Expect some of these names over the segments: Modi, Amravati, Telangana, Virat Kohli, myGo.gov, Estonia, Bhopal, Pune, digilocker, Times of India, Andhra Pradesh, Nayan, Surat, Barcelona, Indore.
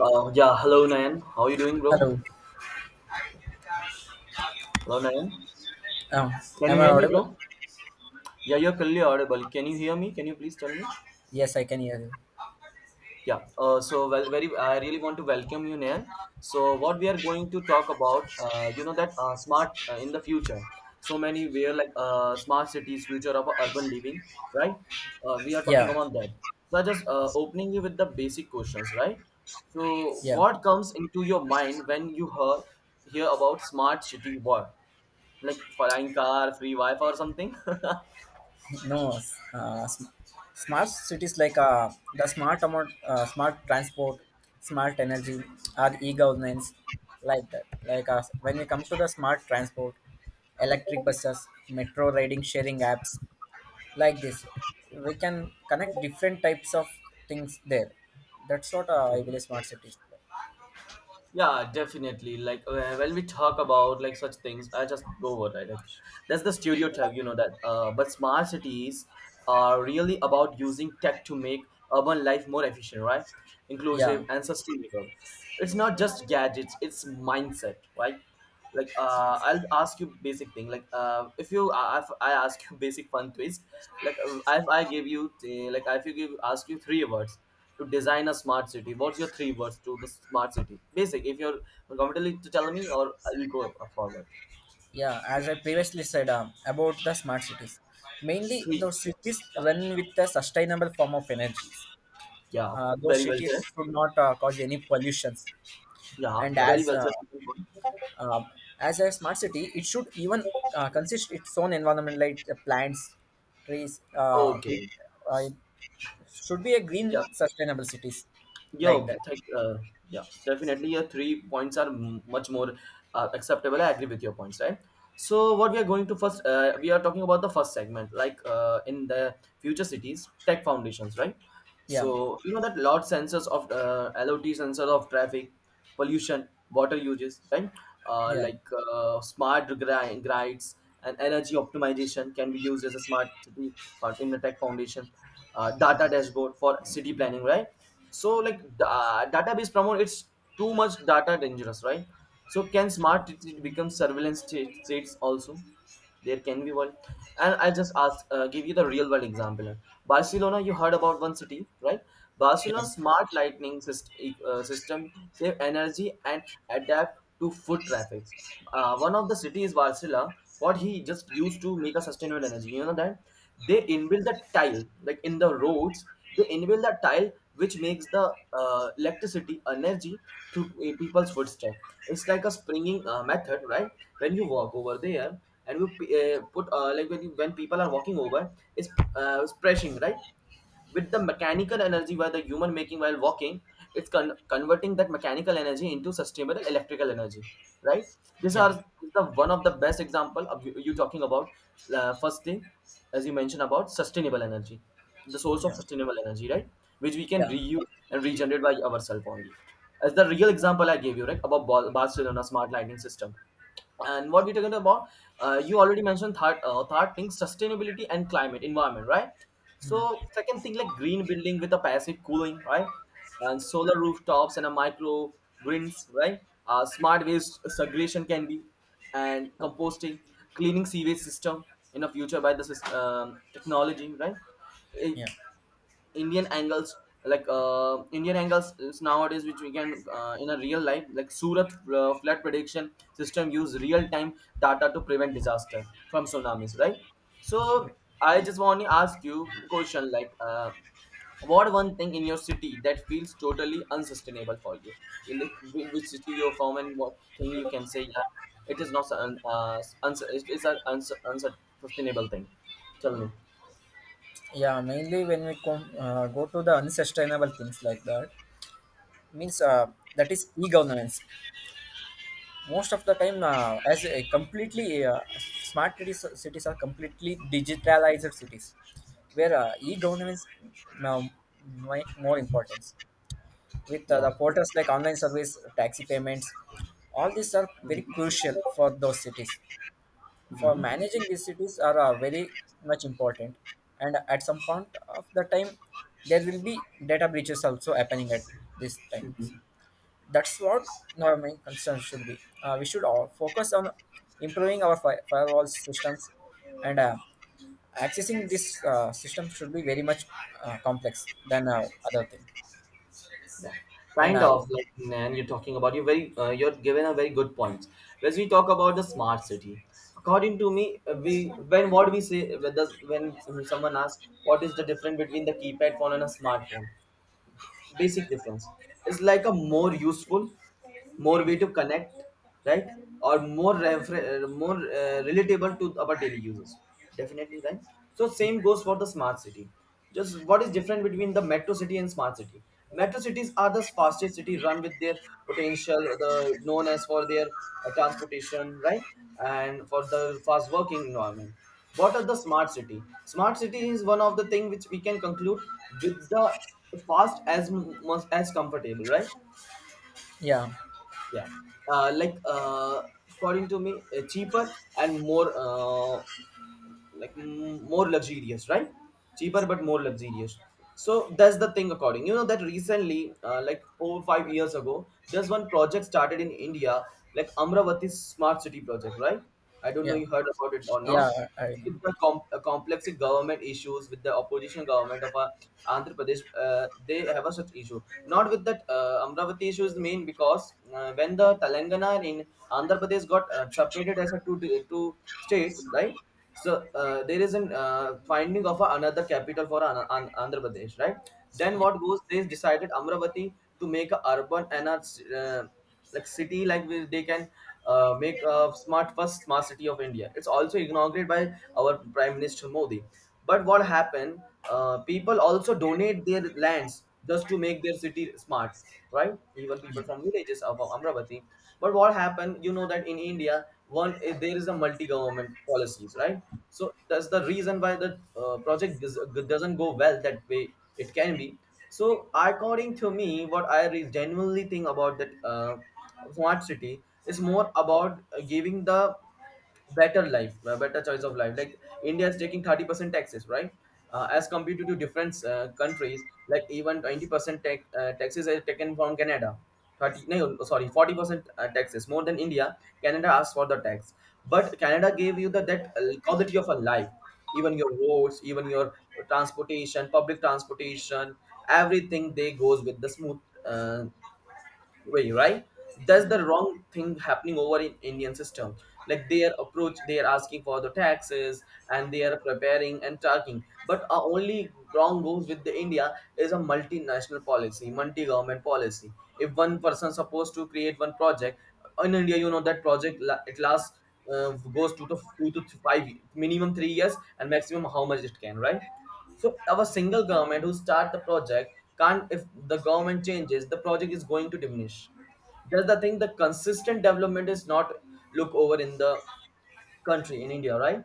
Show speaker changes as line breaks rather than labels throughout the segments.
Yeah, Hello Nayan. How you doing, bro?
Hello.
Hello Nayan.
Oh,
Can
am
you
I
hear me,
audible?
bro? Yeah, you're clearly audible. Can you hear me? Can you please tell me?
Yes, I can hear you.
Yeah. So well, very. I really want to welcome you, Nayan. So what we are going to talk about, you know that smart in the future. So many we are like smart cities, future of urban living, right? We are talking
Yeah,
about that. So I just opening you with the basic questions, right? So
yeah.
what comes into your mind when you hear about smart city? What? Like flying car, free Wi-Fi or something.
No, s- sm- Smart cities like the smart amount, smart transport, smart energy, or e-governance, like that. Like when we come to the smart transport, electric buses, metro riding sharing apps, like this, we can connect different types of things there. That's what I
Okay.
believe smart cities.
Yeah, definitely. Like when we talk about like such things, I just go over right. Like that's the stereotype, you know that. But smart cities are really about using tech to make urban life more efficient, right?
Yeah,
Inclusive and sustainable. It's not just gadgets; it's mindset, right? Like I'll ask you basic thing. Like if you I ask you basic fun twist. Like if I give you like if you give ask you three words to design a smart city. What's your three words to the smart city? Basic. If you're comfortable to tell me, or I'll go forward.
yeah. As I previously said about the smart cities, mainly
Three.
those cities
Yeah.
run with a sustainable form of energy.
Yeah.
Uh, those
Very well said.
cities should not cause any pollutions,
Yeah.
and
Very well said.
uh, as a smart city it should even consist its own environment, like the plants, trees, which
Okay.
it should be a
Yeah.
green sustainable cities, like
Yo,
that.
thank, uh, yeah, definitely. Your three points are much more acceptable. I agree with your points, right? So, what we are going to first, we are talking about the first segment, like in the future cities, tech foundations, right?
Yeah,
So, you know that lot sensors of LOT sensors of traffic pollution, water uses, right?
yeah,
Like smart grids and energy optimization can be used as a smart city part in the Tech Foundation. Data dashboard for city planning, right? So like database promote, it's too much data dangerous, right? So can smart city become states also? There can be one. And I'll just ask, give you the real world example. Barcelona, you heard about one city, right?
yeah,
Barcelona's smart lightning system, system save energy and adapt to foot traffic. One of the city is Barcelona. What he just used to make a sustainable energy, you know that they inbuilt the tile, like in the roads, they inbuilt the tile which makes the electricity energy through people's footstep. It's like a springing method, right? When you walk over there and you when people are walking over, it's pressing right, with the mechanical energy while the human making while walking, it's converting that mechanical energy into sustainable electrical energy, right. These
yeah,
are the one of the best example of you talking about first thing. As you mentioned about sustainable energy, the source of
yeah,
sustainable energy, right, which we can
yeah.
reuse and regenerate by ourselves only, as the real example I gave you right about barcelona smart lighting system. And what we're talking about, you already mentioned third thing sustainability and climate environment, right?
Mm,
So second thing like green building with a passive cooling, right? And solar rooftops and a micro greens, right? Uh, smart waste segregation can be and composting, cleaning sewage system in the future by the technology, right? Eh,
yeah,
Indian angles. Like indian angles is nowadays which we can in a real life like surat flood prediction system use real time data to prevent disaster from tsunamis, right? So I just want to ask you question like what one thing in your city that feels totally unsustainable for you. You look which city you're from and what thing you can say yeah, it is not un- uns- it is an unsustainable thing. Tell me.
yeah. Mainly when we come go to the unsustainable things, like that means that is e-governance. Most of the time, as a completely smart cities are completely digitalized cities, where e-governance now make more importance with
Yeah,
the portals like online service taxi payments. All these are very
mm-hmm.
crucial for those cities. For
Mm-hmm.
managing these cities are very much important. And at some point of the time, there will be data breaches also happening at this time. That's what our main concern should be. We should all focus on improving our firewall systems, and accessing this system should be very much complex than other thing.
Yeah,
And
kind of like. And you're talking about you're given a very good point. As we talk about the smart city, according to me, we when what we say when the, when someone asks what is the difference between the keypad phone and a smartphone, basic difference, it's like a more useful, more way to connect, right? Or more relatable to our daily users, definitely, right? So same goes for the smart city. Just what is different between the metro city and smart city? Metro cities are the fastest city run with their potential, the known as for their transportation, right? And for the fast working environment, what are the smart city? Smart city is one of the thing which we can conclude with the fast as much as comfortable, right?
yeah,
Yeah. uh, like uh, According to me, cheaper and more more luxurious, right? Cheaper but more luxurious. So that's the thing. According, you know that recently, like over 5 years ago there's one project started in india, like amravati smart city project, right? I don't know
yeah,
you heard about it or not.
yeah, I,
With the complex government issues with the opposition government of andhra pradesh, they have a such issue. Not with that, amravati issue is main because when the telangana and in andhra pradesh got separated as a two states, right? So there is an finding of another capital for an Andhra Pradesh, right? Then
yeah,
what goes? They decided Amravati to make a urban and a uh, city like where they can make a smart first smart city of India. It's also inaugurated by our Prime Minister Modi. But what happened? People also donate their lands just to make their city smart, right? Even people
yeah,
from villages of Amravati. But what happened? You know that in India, there is a multi-government policies, right? So that's the reason why the project is, doesn't go well that way it can be. So according to me, what I genuinely think about that smart city is more about giving the better life, better choice of life. Like india is taking 30% taxes, right? Uh, as compared to different countries like even 20% taxes are taken from canada. 30, no sorry, 40% taxes, more than india. Canada asks for the tax, but canada gave you the that quality of a life. Even your roads, even your transportation, public transportation, everything they goes with the smooth uh, way, right? That's the wrong thing happening over in indian system, like their approach. They are asking for the taxes and they are preparing and talking, but our only wrong goes with the india is a multinational policy, multi-government policy. If one person supposed to create one project in india, you know that project it lasts, uh, goes to the two to five, minimum 3 years and maximum how much it can, right? So our single government who start the project can't. If the government changes, the project is going to diminish. That's the thing, the consistent development is not look over in the country in India, right?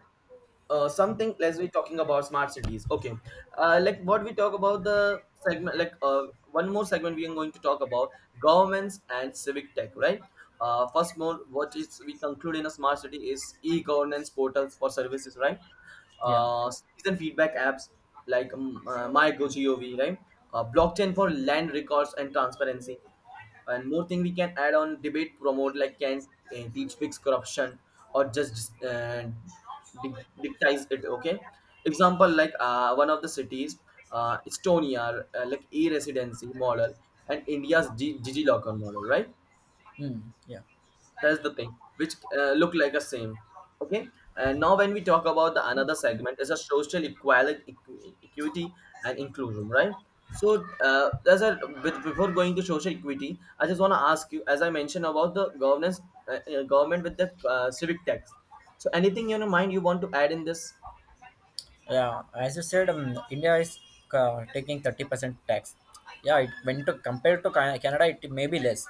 Uh, something as we talking about smart cities. Okay. Uh, like what we talk about the segment, like one more segment we are going to talk about governments and civic tech, right? Uh, first more what is we conclude in a smart city is e-governance portals for services, right?
yeah.
Uh, citizen feedback apps like myGo.gov, right? Uh, blockchain for land records and transparency. And more thing we can add on debate promote, like can teach fix corruption or just dictize it. Okay, example like one of the cities, estonia, like e-residency model and india's digilocker model, right?
Mm, yeah.
That's the thing which look like a same. Okay. And now when we talk about the another segment is a social equality, equity and inclusion, right? So before going to social equity, I just want to ask you, as I mentioned about the governance, government with the civic tax, so anything in your mind you want to add in this?
Yeah, as you said, India is taking 30% tax. Yeah, it when to compared to Canada, it may be less.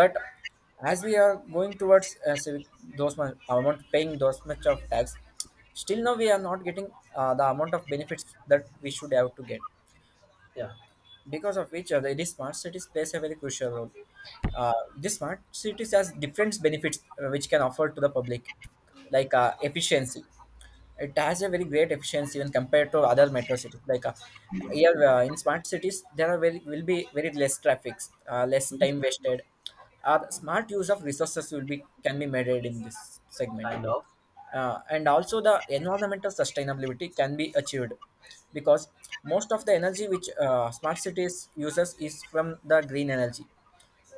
But as we are going towards civic, those much amount paying those much of tax, still now we are not getting the amount of benefits that we should have to get
Yeah,
because of which uh, the smart cities plays a very crucial role. This smart cities has different benefits which can offer to the public, like efficiency. It has a very great efficiency when compared to other metro cities. Like here in smart cities, there are very will be very less traffic, less
mhm.
time wasted. Smart use of resources will be can be made in this segment,
Kind of.
and also the environmental sustainability can be achieved, because most of the energy which smart cities uses is from the green energy,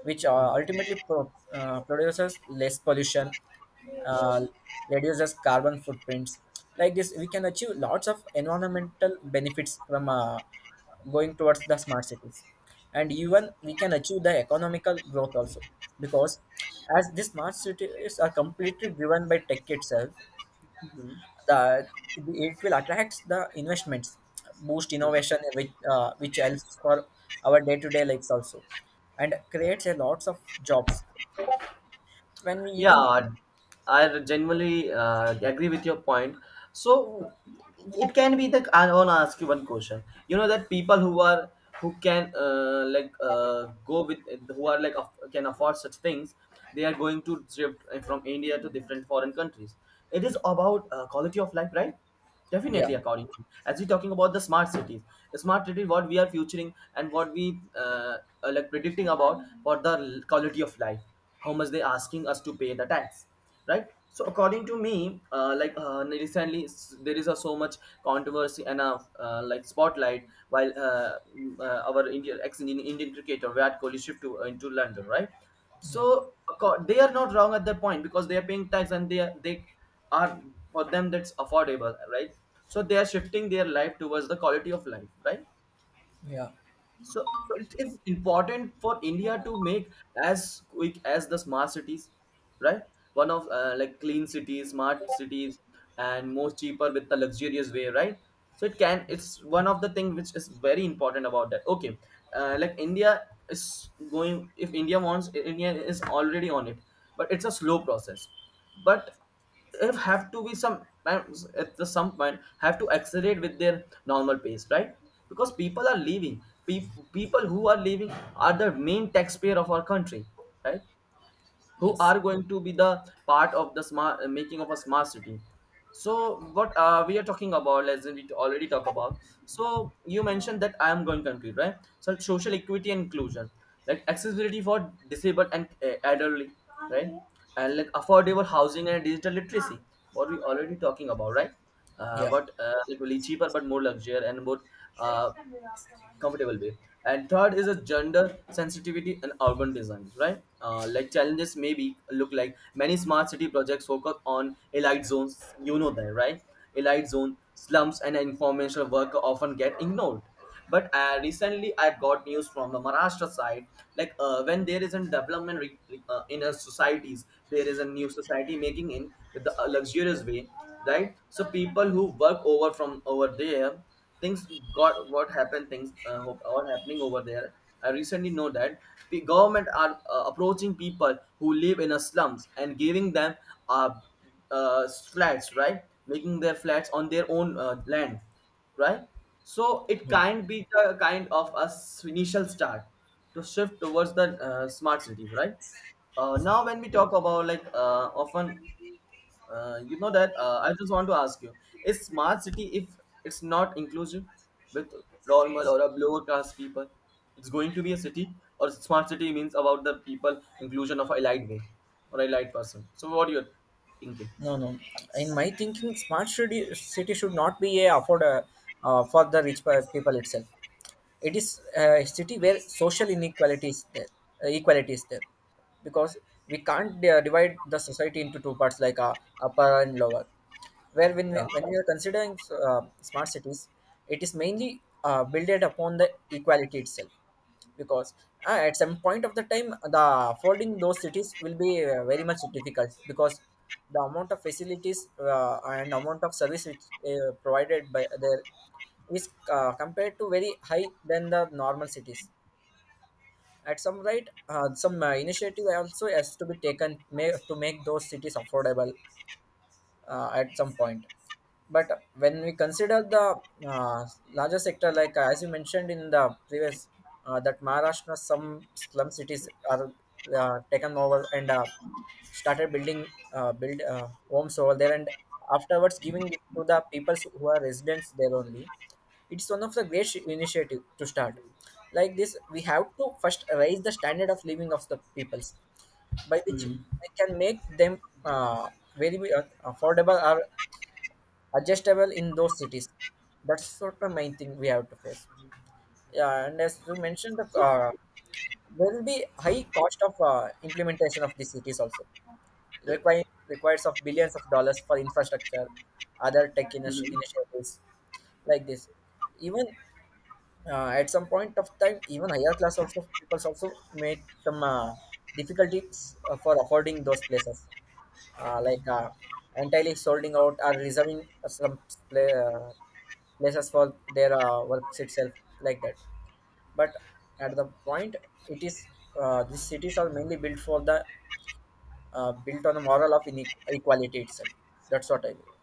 which uh,
Mhm.
ultimately pro- uh, produces less pollution, uh, reduces carbon footprints. Like this, we can achieve lots of environmental benefits from going towards the smart cities, and even we can achieve the economical growth also, because as these smart cities are completely driven by tech itself, the, it will attract the investments, boost innovation, which helps for our day to day lives also, and creates a lots of jobs. When we even,
Yeah, I genuinely agree with your point. So it can be the. I want to ask you one question. You know that people who are, who can like go with who are like can afford such things, they are going to drift from India to different foreign countries. It is about quality of life, right?
yeah,
Definitely, according to me. As we're talking about the smart cities, smart city, what we are futuring and what we are like predicting about for the quality of life, how much they asking us to pay the tax, right? So according to me, recently there is a so much controversy and a like spotlight while our Indian ex Indian cricketer Virat Kohli shift to into London, right?
yeah,
So they are not wrong at that point because they are paying tax and they are for them that's affordable, right? So they are shifting their life towards the quality of life, right?
yeah,
So it is important for India to make as quick as the smart cities, right? One of like clean cities, smart cities, and most cheaper with the luxurious way, right? So it's one of the thing which is very important about that. Okay, like India is going. If India wants, India is already on it, but it's a slow process. But if have to be some times at the some point, have to accelerate with their normal pace, right? Because people who are leaving are the main taxpayer of our country, right? Who
yes,
are going to be the part of the smart making of a smart city. So what we are talking about, as we already talked about, so you mentioned that I am going to include, right? So social equity and inclusion, like accessibility for disabled and elderly, right? And like affordable housing and digital literacy, what we already talking about, right?
yeah,
What Like really cheaper but more luxury and more uh, comfortable way. And third is a gender sensitivity and urban design, right? Like challenges maybe look like many smart city projects focus on elite zones. You know that, right? Elite zone slums and informational work often get ignored, but recently I got news from the Maharashtra side. Like when there is a development in a societies, there is a new society making in with the luxurious way, right? So people who work over from over there, things got what happened, things are happening over there. I recently know that the government are approaching people who live in a slums and giving them uh, uh, flats, right? Making their flats on their own land, right? So it
yeah.
can be the kind of a initial start to shift towards the smart cities, right? Now, when we talk about like often, you know that I just want to ask you: Is smart city, if it's not inclusive with normal or a lower class people? It's going to be a city, or smart city means about the people inclusion of a elite way or a elite person. So, what you're thinking?
No, no. In my thinking, smart city, city should not be a afford for the rich people itself. It is a city where social inequality is there, equality is there, because we can't divide the society into two parts, like upper and lower. Where when we,
Yeah.
when we are considering smart cities, it is mainly built upon the equality itself, because at some point of the time, the folding those cities will be very much difficult, because the amount of facilities and amount of service which provided by there is compared to very high than the normal cities. At some right, some initiative also has to be taken may, to make those cities affordable at some point. But when we consider the uh, larger sector, like as you mentioned in the previous, that Maharashtra some slum cities are taken over and started building build homes over there, and afterwards giving it to the people who are residents there only. It's one of the great initiative to start. Like this, we have to first raise the standard of living of the peoples, by which
Mhm.
I can make them very affordable or adjustable in those cities. That's sort of main thing we have to face. Yeah, and as you mentioned,
So.
there will be high cost of implementation of these cities also. Requires of billions of dollars for infrastructure, other tech
Mhm.
initiatives like this. Even at some point of time, even higher class also people also make some difficulties for affording those places, uh, like uh, entirely solding out or reserving some pla- uh, places for their works itself, like that. But at the point, it is these cities are mainly built for the built on the moral of inequality itself. That's what I believe.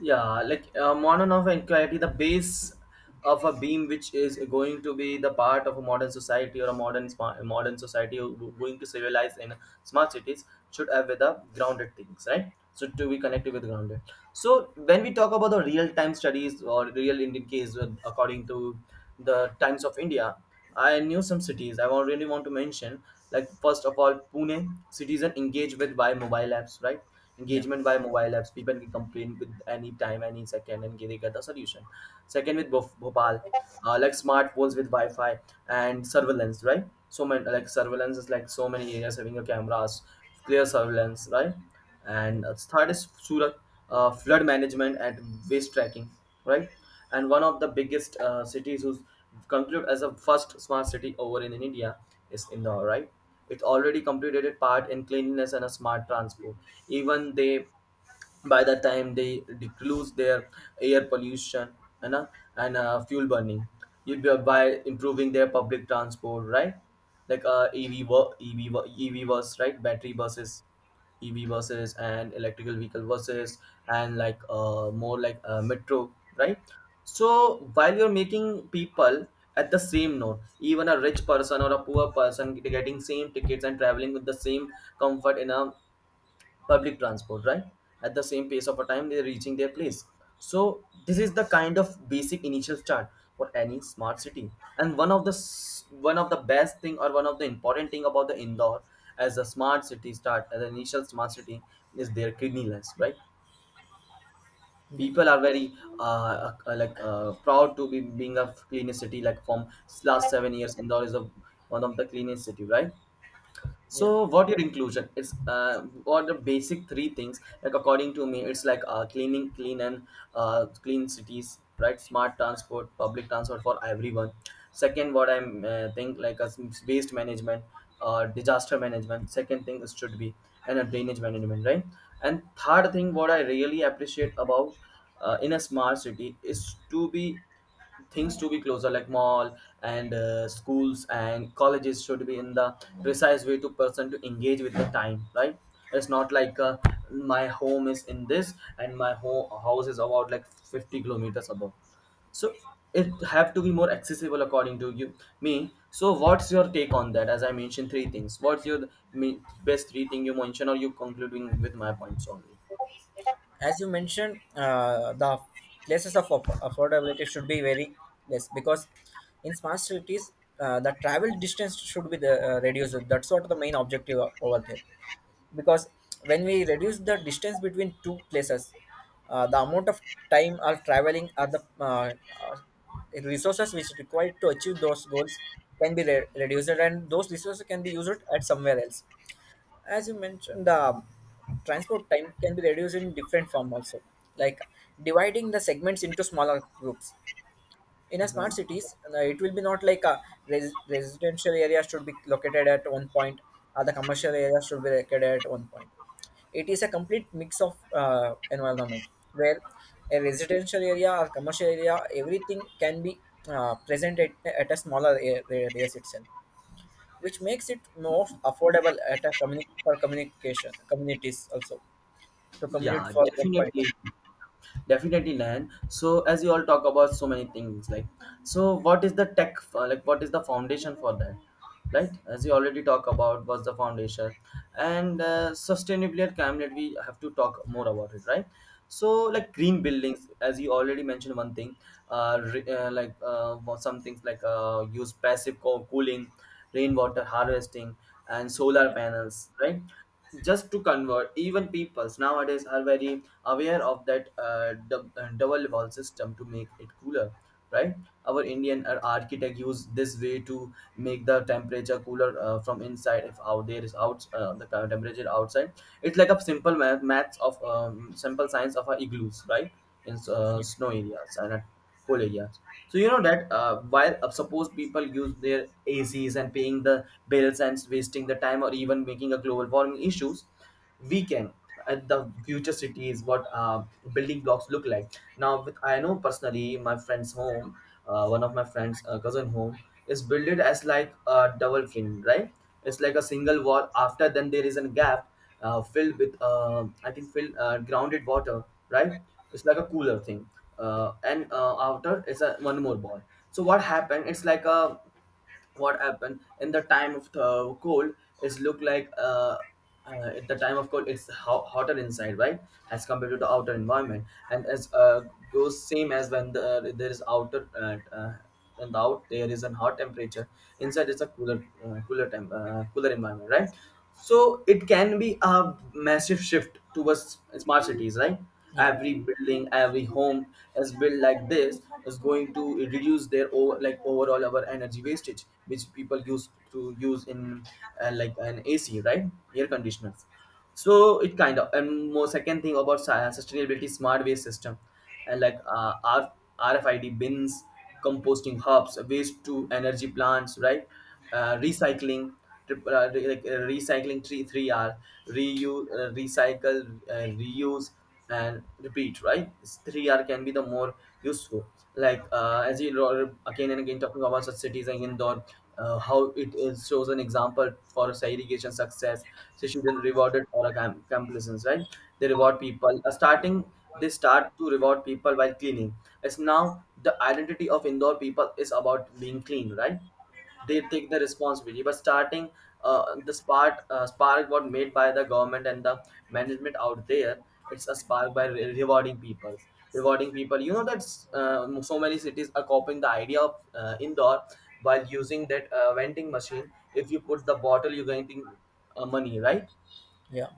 Yeah, modern of inquiry, the base of a beam which is going to be the part of a modern society or a modern smart modern society or going to civilize in smart cities should have with the grounded things, right? So to be connected with grounded. So when we talk about the real time studies or real Indian case according to the Times of India, I knew some cities I really want to mention. Like first of all, Pune citizen engage with by mobile apps, right?
Yeah,
Engagement by mobile apps. People can complain with any time, any second, and they get the solution. Second with Bhopal, like smartphones with Wi-Fi and surveillance, right? So many like surveillance is like so many areas having your cameras, clear surveillance, right?
yeah,
And third is Surat, flood management and waste tracking, right? And one of the biggest cities who's concluded as a first smart city over in India is Indore, right? It already completed a part in cleanliness and a smart transport. Even they, by the time they reduce their air pollution, you know, and fuel burning, you, by improving their public transport, right? Like ev bus, right? Battery buses, ev buses, and electrical vehicle buses, and like more like metro, right? So while you're making people at the same note, even a rich person or a poor person getting same tickets and traveling with the same comfort in a public transport, right? At the same pace of a time, they're reaching their place. So this is the kind of basic initial start for any smart city. And one of the best thing or one of the important thing about the Indore as a smart city, start as an initial smart city, is their cleanliness, right?
yeah,
People are very proud to be being a cleanest city. Like from last 7 years, Indore is a one of the cleanest city, right?
yeah.
So, what your inclusion? It's what the basic three things. Like according to me, it's cleaning, clean and clean cities, right? Smart transport, public transport for everyone. Second, what I think, like a waste management, disaster management. Second thing is should be and a drainage management, right? And third thing, what I really appreciate about in a smart city is to be things to be closer, like mall and schools and colleges should be in the precise way to person to engage with the time, right? It's not like my home is in this and my home house is about like 50 kilometers above. So it have to be more accessible. According to you me, so what's your take on that? As I mentioned three things, what's your best three thing you mention or you concluding with my points only?
As you mentioned, the places of affordability should be very less, because in smart cities, the travel distance should be reduced. That's what the main objective over there. Because when we reduce the distance between two places, the amount of time or traveling or the uh, resources which required to achieve those goals can be reduced, and those resources can be used at somewhere else. As you mentioned, the transport time can be reduced in different form also, like dividing the segments into smaller groups. In a smart
Mhm.
cities, it will be not like a residential area should be located at one point, or the commercial area should be located at one point. It is a complete mix of environment, where a residential area or commercial area everything can be present at a smaller radius itself, which makes it most affordable at a for communication communities also, to commute
Yeah,
for example.
definitely, definitely land. So as you all talk about so many things, like, so what is the tech, what is the foundation for that, right? As you already talk about, what's the foundation? And sustainability at camlet, we have to talk more about it, right? So
Yeah,
like green buildings, as you already mentioned one thing, for some things like use passive cooling, rainwater harvesting, and solar
yeah,
panels, right? Just to convert, even peoples nowadays are very aware of that double wall system to make it cooler, right? Our Indian architect used this way to make the temperature cooler from inside, if out there is out the temperature outside. It's like a simple maths of simple science of our igloos, right? In
yeah,
snow areas and at cold areas. So you know that while suppose people use their ACs and paying the bills and wasting the time or even making a global warming issues, we can at the future cities, what building blocks look like. Now, with I know personally my friend's home, one of my friend's cousin home is built as like a double frame, right? It's like a single wall. After then there is a gap filled with I think filled grounded water, right? It's like a cooler thing, and outer it's a one more ball. So what happened? It's like a, what happened in the time of the cold is look like at the time of cold, it's hotter inside, right? As compared to the outer environment. And as goes same as when there is outer and the out there is a hot temperature, inside it's a cooler cooler temp cooler environment, right? So it can be a massive shift towards smart cities, right?
yeah.
Every building, every home is built like this is going to reduce their overall our energy wastage which people used to use in like an ac, right? Air conditioners. So it kind of, and more second thing about sustainability, smart waste system and like rfid bins, composting hubs, waste to energy plants, right? Recycling, recycling 3 3r, reuse, recycle reuse and repeat, right? These three r can be the more useful, like as you again and again talking about such cities like Indore. How it is shows an example for say irrigation success. So she then rewarded for a complacence, right? They reward people starting they start to reward people by cleaning. It's now the identity of Indore people is about being clean, right? They take the responsibility. But starting the spark spark what made by the government and the management out there, it's a spark by rewarding people, rewarding people. You know that so many cities are copying the idea of indoor, while using that vending machine, if you put the bottle, you're getting money, right?
Yeah.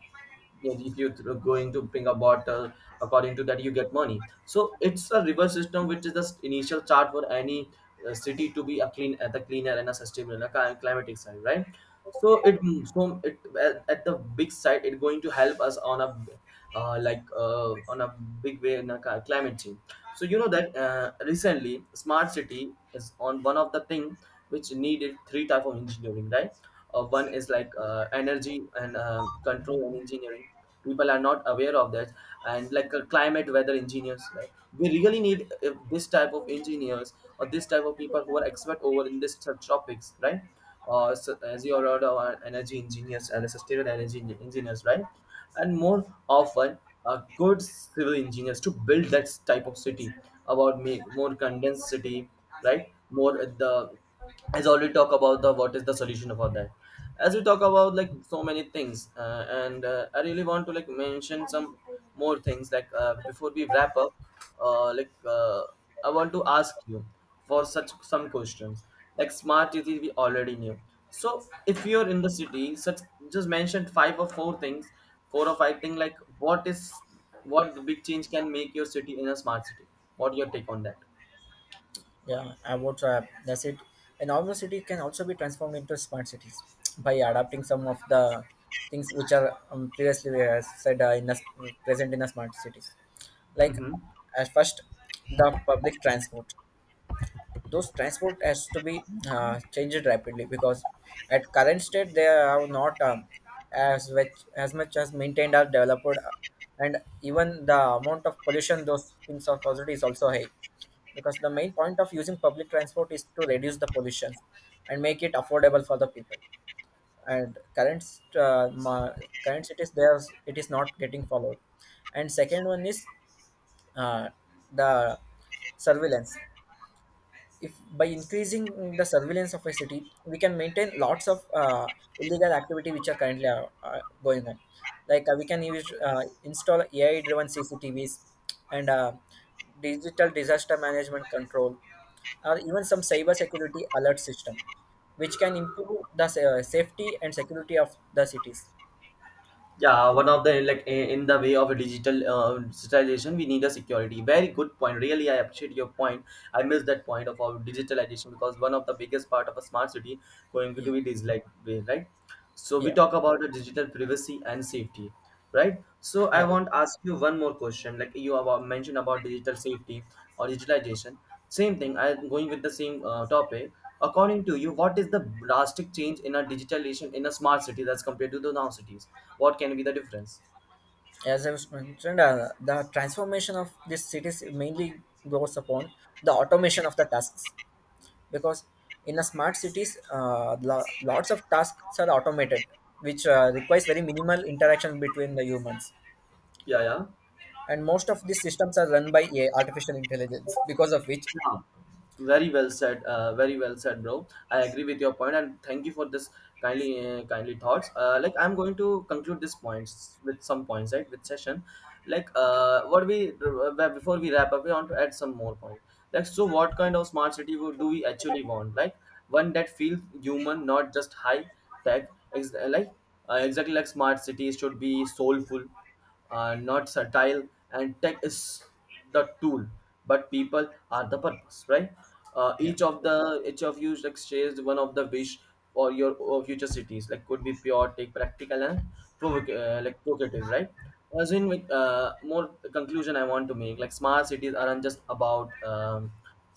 Yes, if you're going to bring a bottle, according to that you get money. So it's a reverse system, which is the initial chart for any City to be a clean at the cleaner and a sustainable and a climatic side, right? So it so it at, at the big side it going to help us on a on a big way in a climate change. So you know that recently smart city is on one of the thing which needed three type of engineering, right? One is like energy and control and engineering. People are not aware of that, and like climate weather engineers, right? We really need this type of engineers or this type of people who are expert over in this such topics, right? Or so, as you are aware, our energy engineers and the sustainable energy engineers, right? And more often good civil engineers to build that type of city, about make more condensed city, right? More at the, as already talk about the what is the solution for that. As we talk about like so many things, and I really want to like mention some more things like before we wrap up. uh, like uh, I want to ask you for such some questions, like smart city we already knew. So if you're in the city, such just mentioned five or four things, four or five thing, like what is, what the big change can make your city in a smart city? What your take on that?
Yeah, about that's it. A normal city can also be transformed into smart cities by adapting some of the things which are previously we have said present in the smart cities. Like,
Hmm.
as first, the public transport, those transport has to be changed rapidly, because at current state they are not as much as maintained or developed, and even the amount of pollution those things are caused is also high, because the main point of using public transport is to reduce the pollution and make it affordable for the people. And current, uh, ma- current cities there, it is not getting followed. And second one is uh, the surveillance. If by increasing the surveillance of a city, we can maintain lots of illegal activity which are currently going on. Like we can use install AI-driven CCTVs and digital disaster management control, or even some cyber security alert system, which can improve the safety and security of the cities.
Yeah, one of the like in the way of a digital digitalization, we need a security. Very good point. Really, I appreciate your point. I missed that point of our digitalization, because one of the biggest part of a smart city going
Yeah,
to be this like way, right? So we
yeah,
talk about the digital privacy and safety, right? So I
yeah.
want to ask you one more question, like you about mentioned about digital safety or digitalization. Same thing, I'm going with the same topic. According to you, what is the drastic change in a digitalization in a smart city that's compared to the now cities? What can be the difference?
As I was mentioned, the transformation of these cities mainly goes upon the automation of the tasks, because in a smart cities, lots of tasks are automated, which requires very minimal interaction between the humans,
Yeah.
and most of these systems are run by AI, artificial intelligence, because of which
Yeah. Very well said. Very well said, bro. I agree with your point, and thank you for this kindly, kindly thoughts. Like, I'm going to conclude this points with some points, right? With session, like what we before we wrap up, we want to add some more points. Like, so what kind of smart city would do we actually want? Like one that feels human, not just high tech. Exactly, like smart cities should be soulful, are not satire, and tech is the tool, but people are the purpose, right?
yeah,
Each of you exchanged one of the wish for your future cities, like could be pure take practical and provocative, right? As in with more conclusion, I want to make like smart cities aren't just about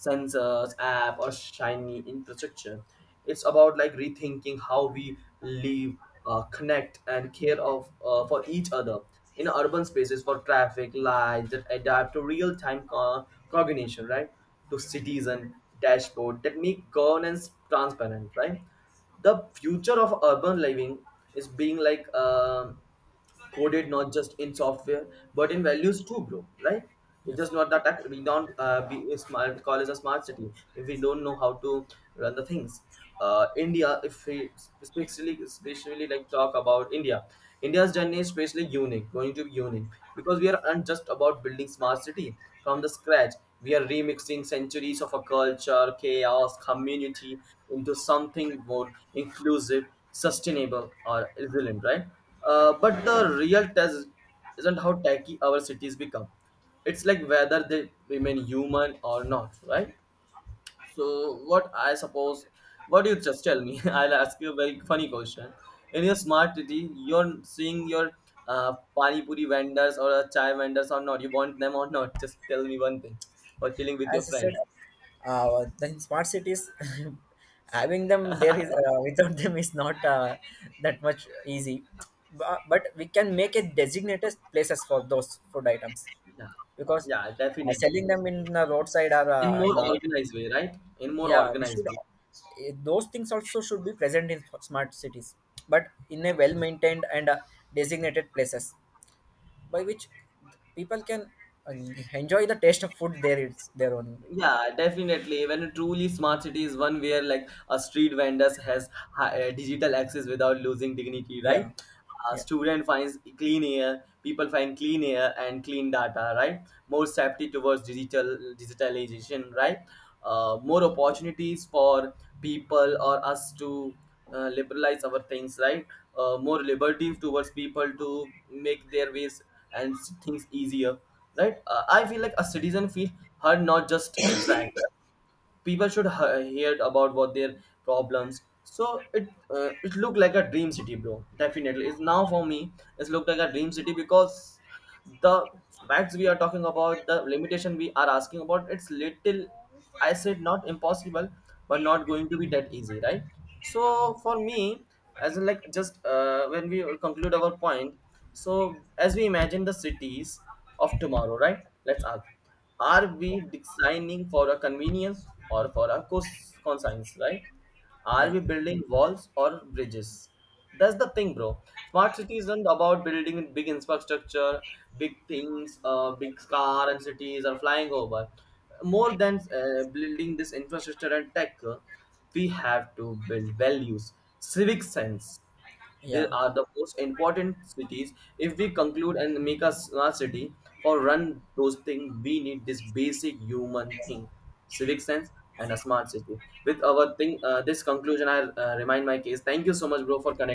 sensors, app or shiny infrastructure. It's about like rethinking how we live, connect and care of for each other in urban spaces, for traffic lights that adapt to real-time cognition, right? To citizen dashboard that make governance transparent, right? The future of urban living is being like coded, not just in software, but in values too, bro, right?
yeah.
It's just not that we don't be a smart call is a smart city if we don't know how to run the things. India if we Especially like talk about India. India's journey is especially unique, going to be unique, because we are not just about building smart city from the scratch. We are remixing centuries of a culture, chaos, community into something more inclusive, sustainable or resilient, right? But the real test isn't how tacky our cities become. It's like whether they remain human or not, right? So what I suppose, what you just tell me, I'll ask you a very funny question. In your smart city, you're seeing your pani puri vendors or a chai vendors or not? You want them or not? Just tell me one thing. Or chilling with your
As I said,
friends.
then smart cities having them there is without them is not that much easy. But we can make it designated places for those food items,
Yeah,
because
yeah,
selling
definitely.
them in the roadside or
In more
in our,
organized way, right? In more
yeah, we
organized
should,
way.
those things also should be present in smart cities, but in a well maintained and designated places, by which people can uh, enjoy the taste of food there, it's their own.
Yeah, definitely. When a truly smart city is one where like a street vendors has digital access without losing dignity, right?
Yeah,
A
yeah.
student finds clean air, people find clean air and clean data, right? More safety towards digital digitalization, right? More opportunities for people or us to liberalize our things, right? More liberty towards people to make their ways and things easier, right? I feel like a citizen feel heard, not just tracked. People should hear about what their problems. So it, it looked like a dream city, bro. Definitely, it's now for me, it's looked like a dream city, because the facts we are talking about, the limitation we are asking about, it's little, I said, not impossible, but not going to be that easy, right? So for me, as in like just when we conclude our point, so as we imagine the cities of tomorrow, right? Let's ask, are we designing for a convenience or for a conscience, right? Are
Yeah.
we building walls or bridges? That's the thing, bro. Smart city isn't about building big infrastructure, big things, big car and cities are flying over. More than building this infrastructure and tech, we have to build values, civic sense. They
Yeah.
are the most important cities. If we conclude and make a smart city for run those things, we need this basic human thing, civic sense, and a smart city. With our thing, this conclusion, I remind my case. Thank you so much, bro, for connecting.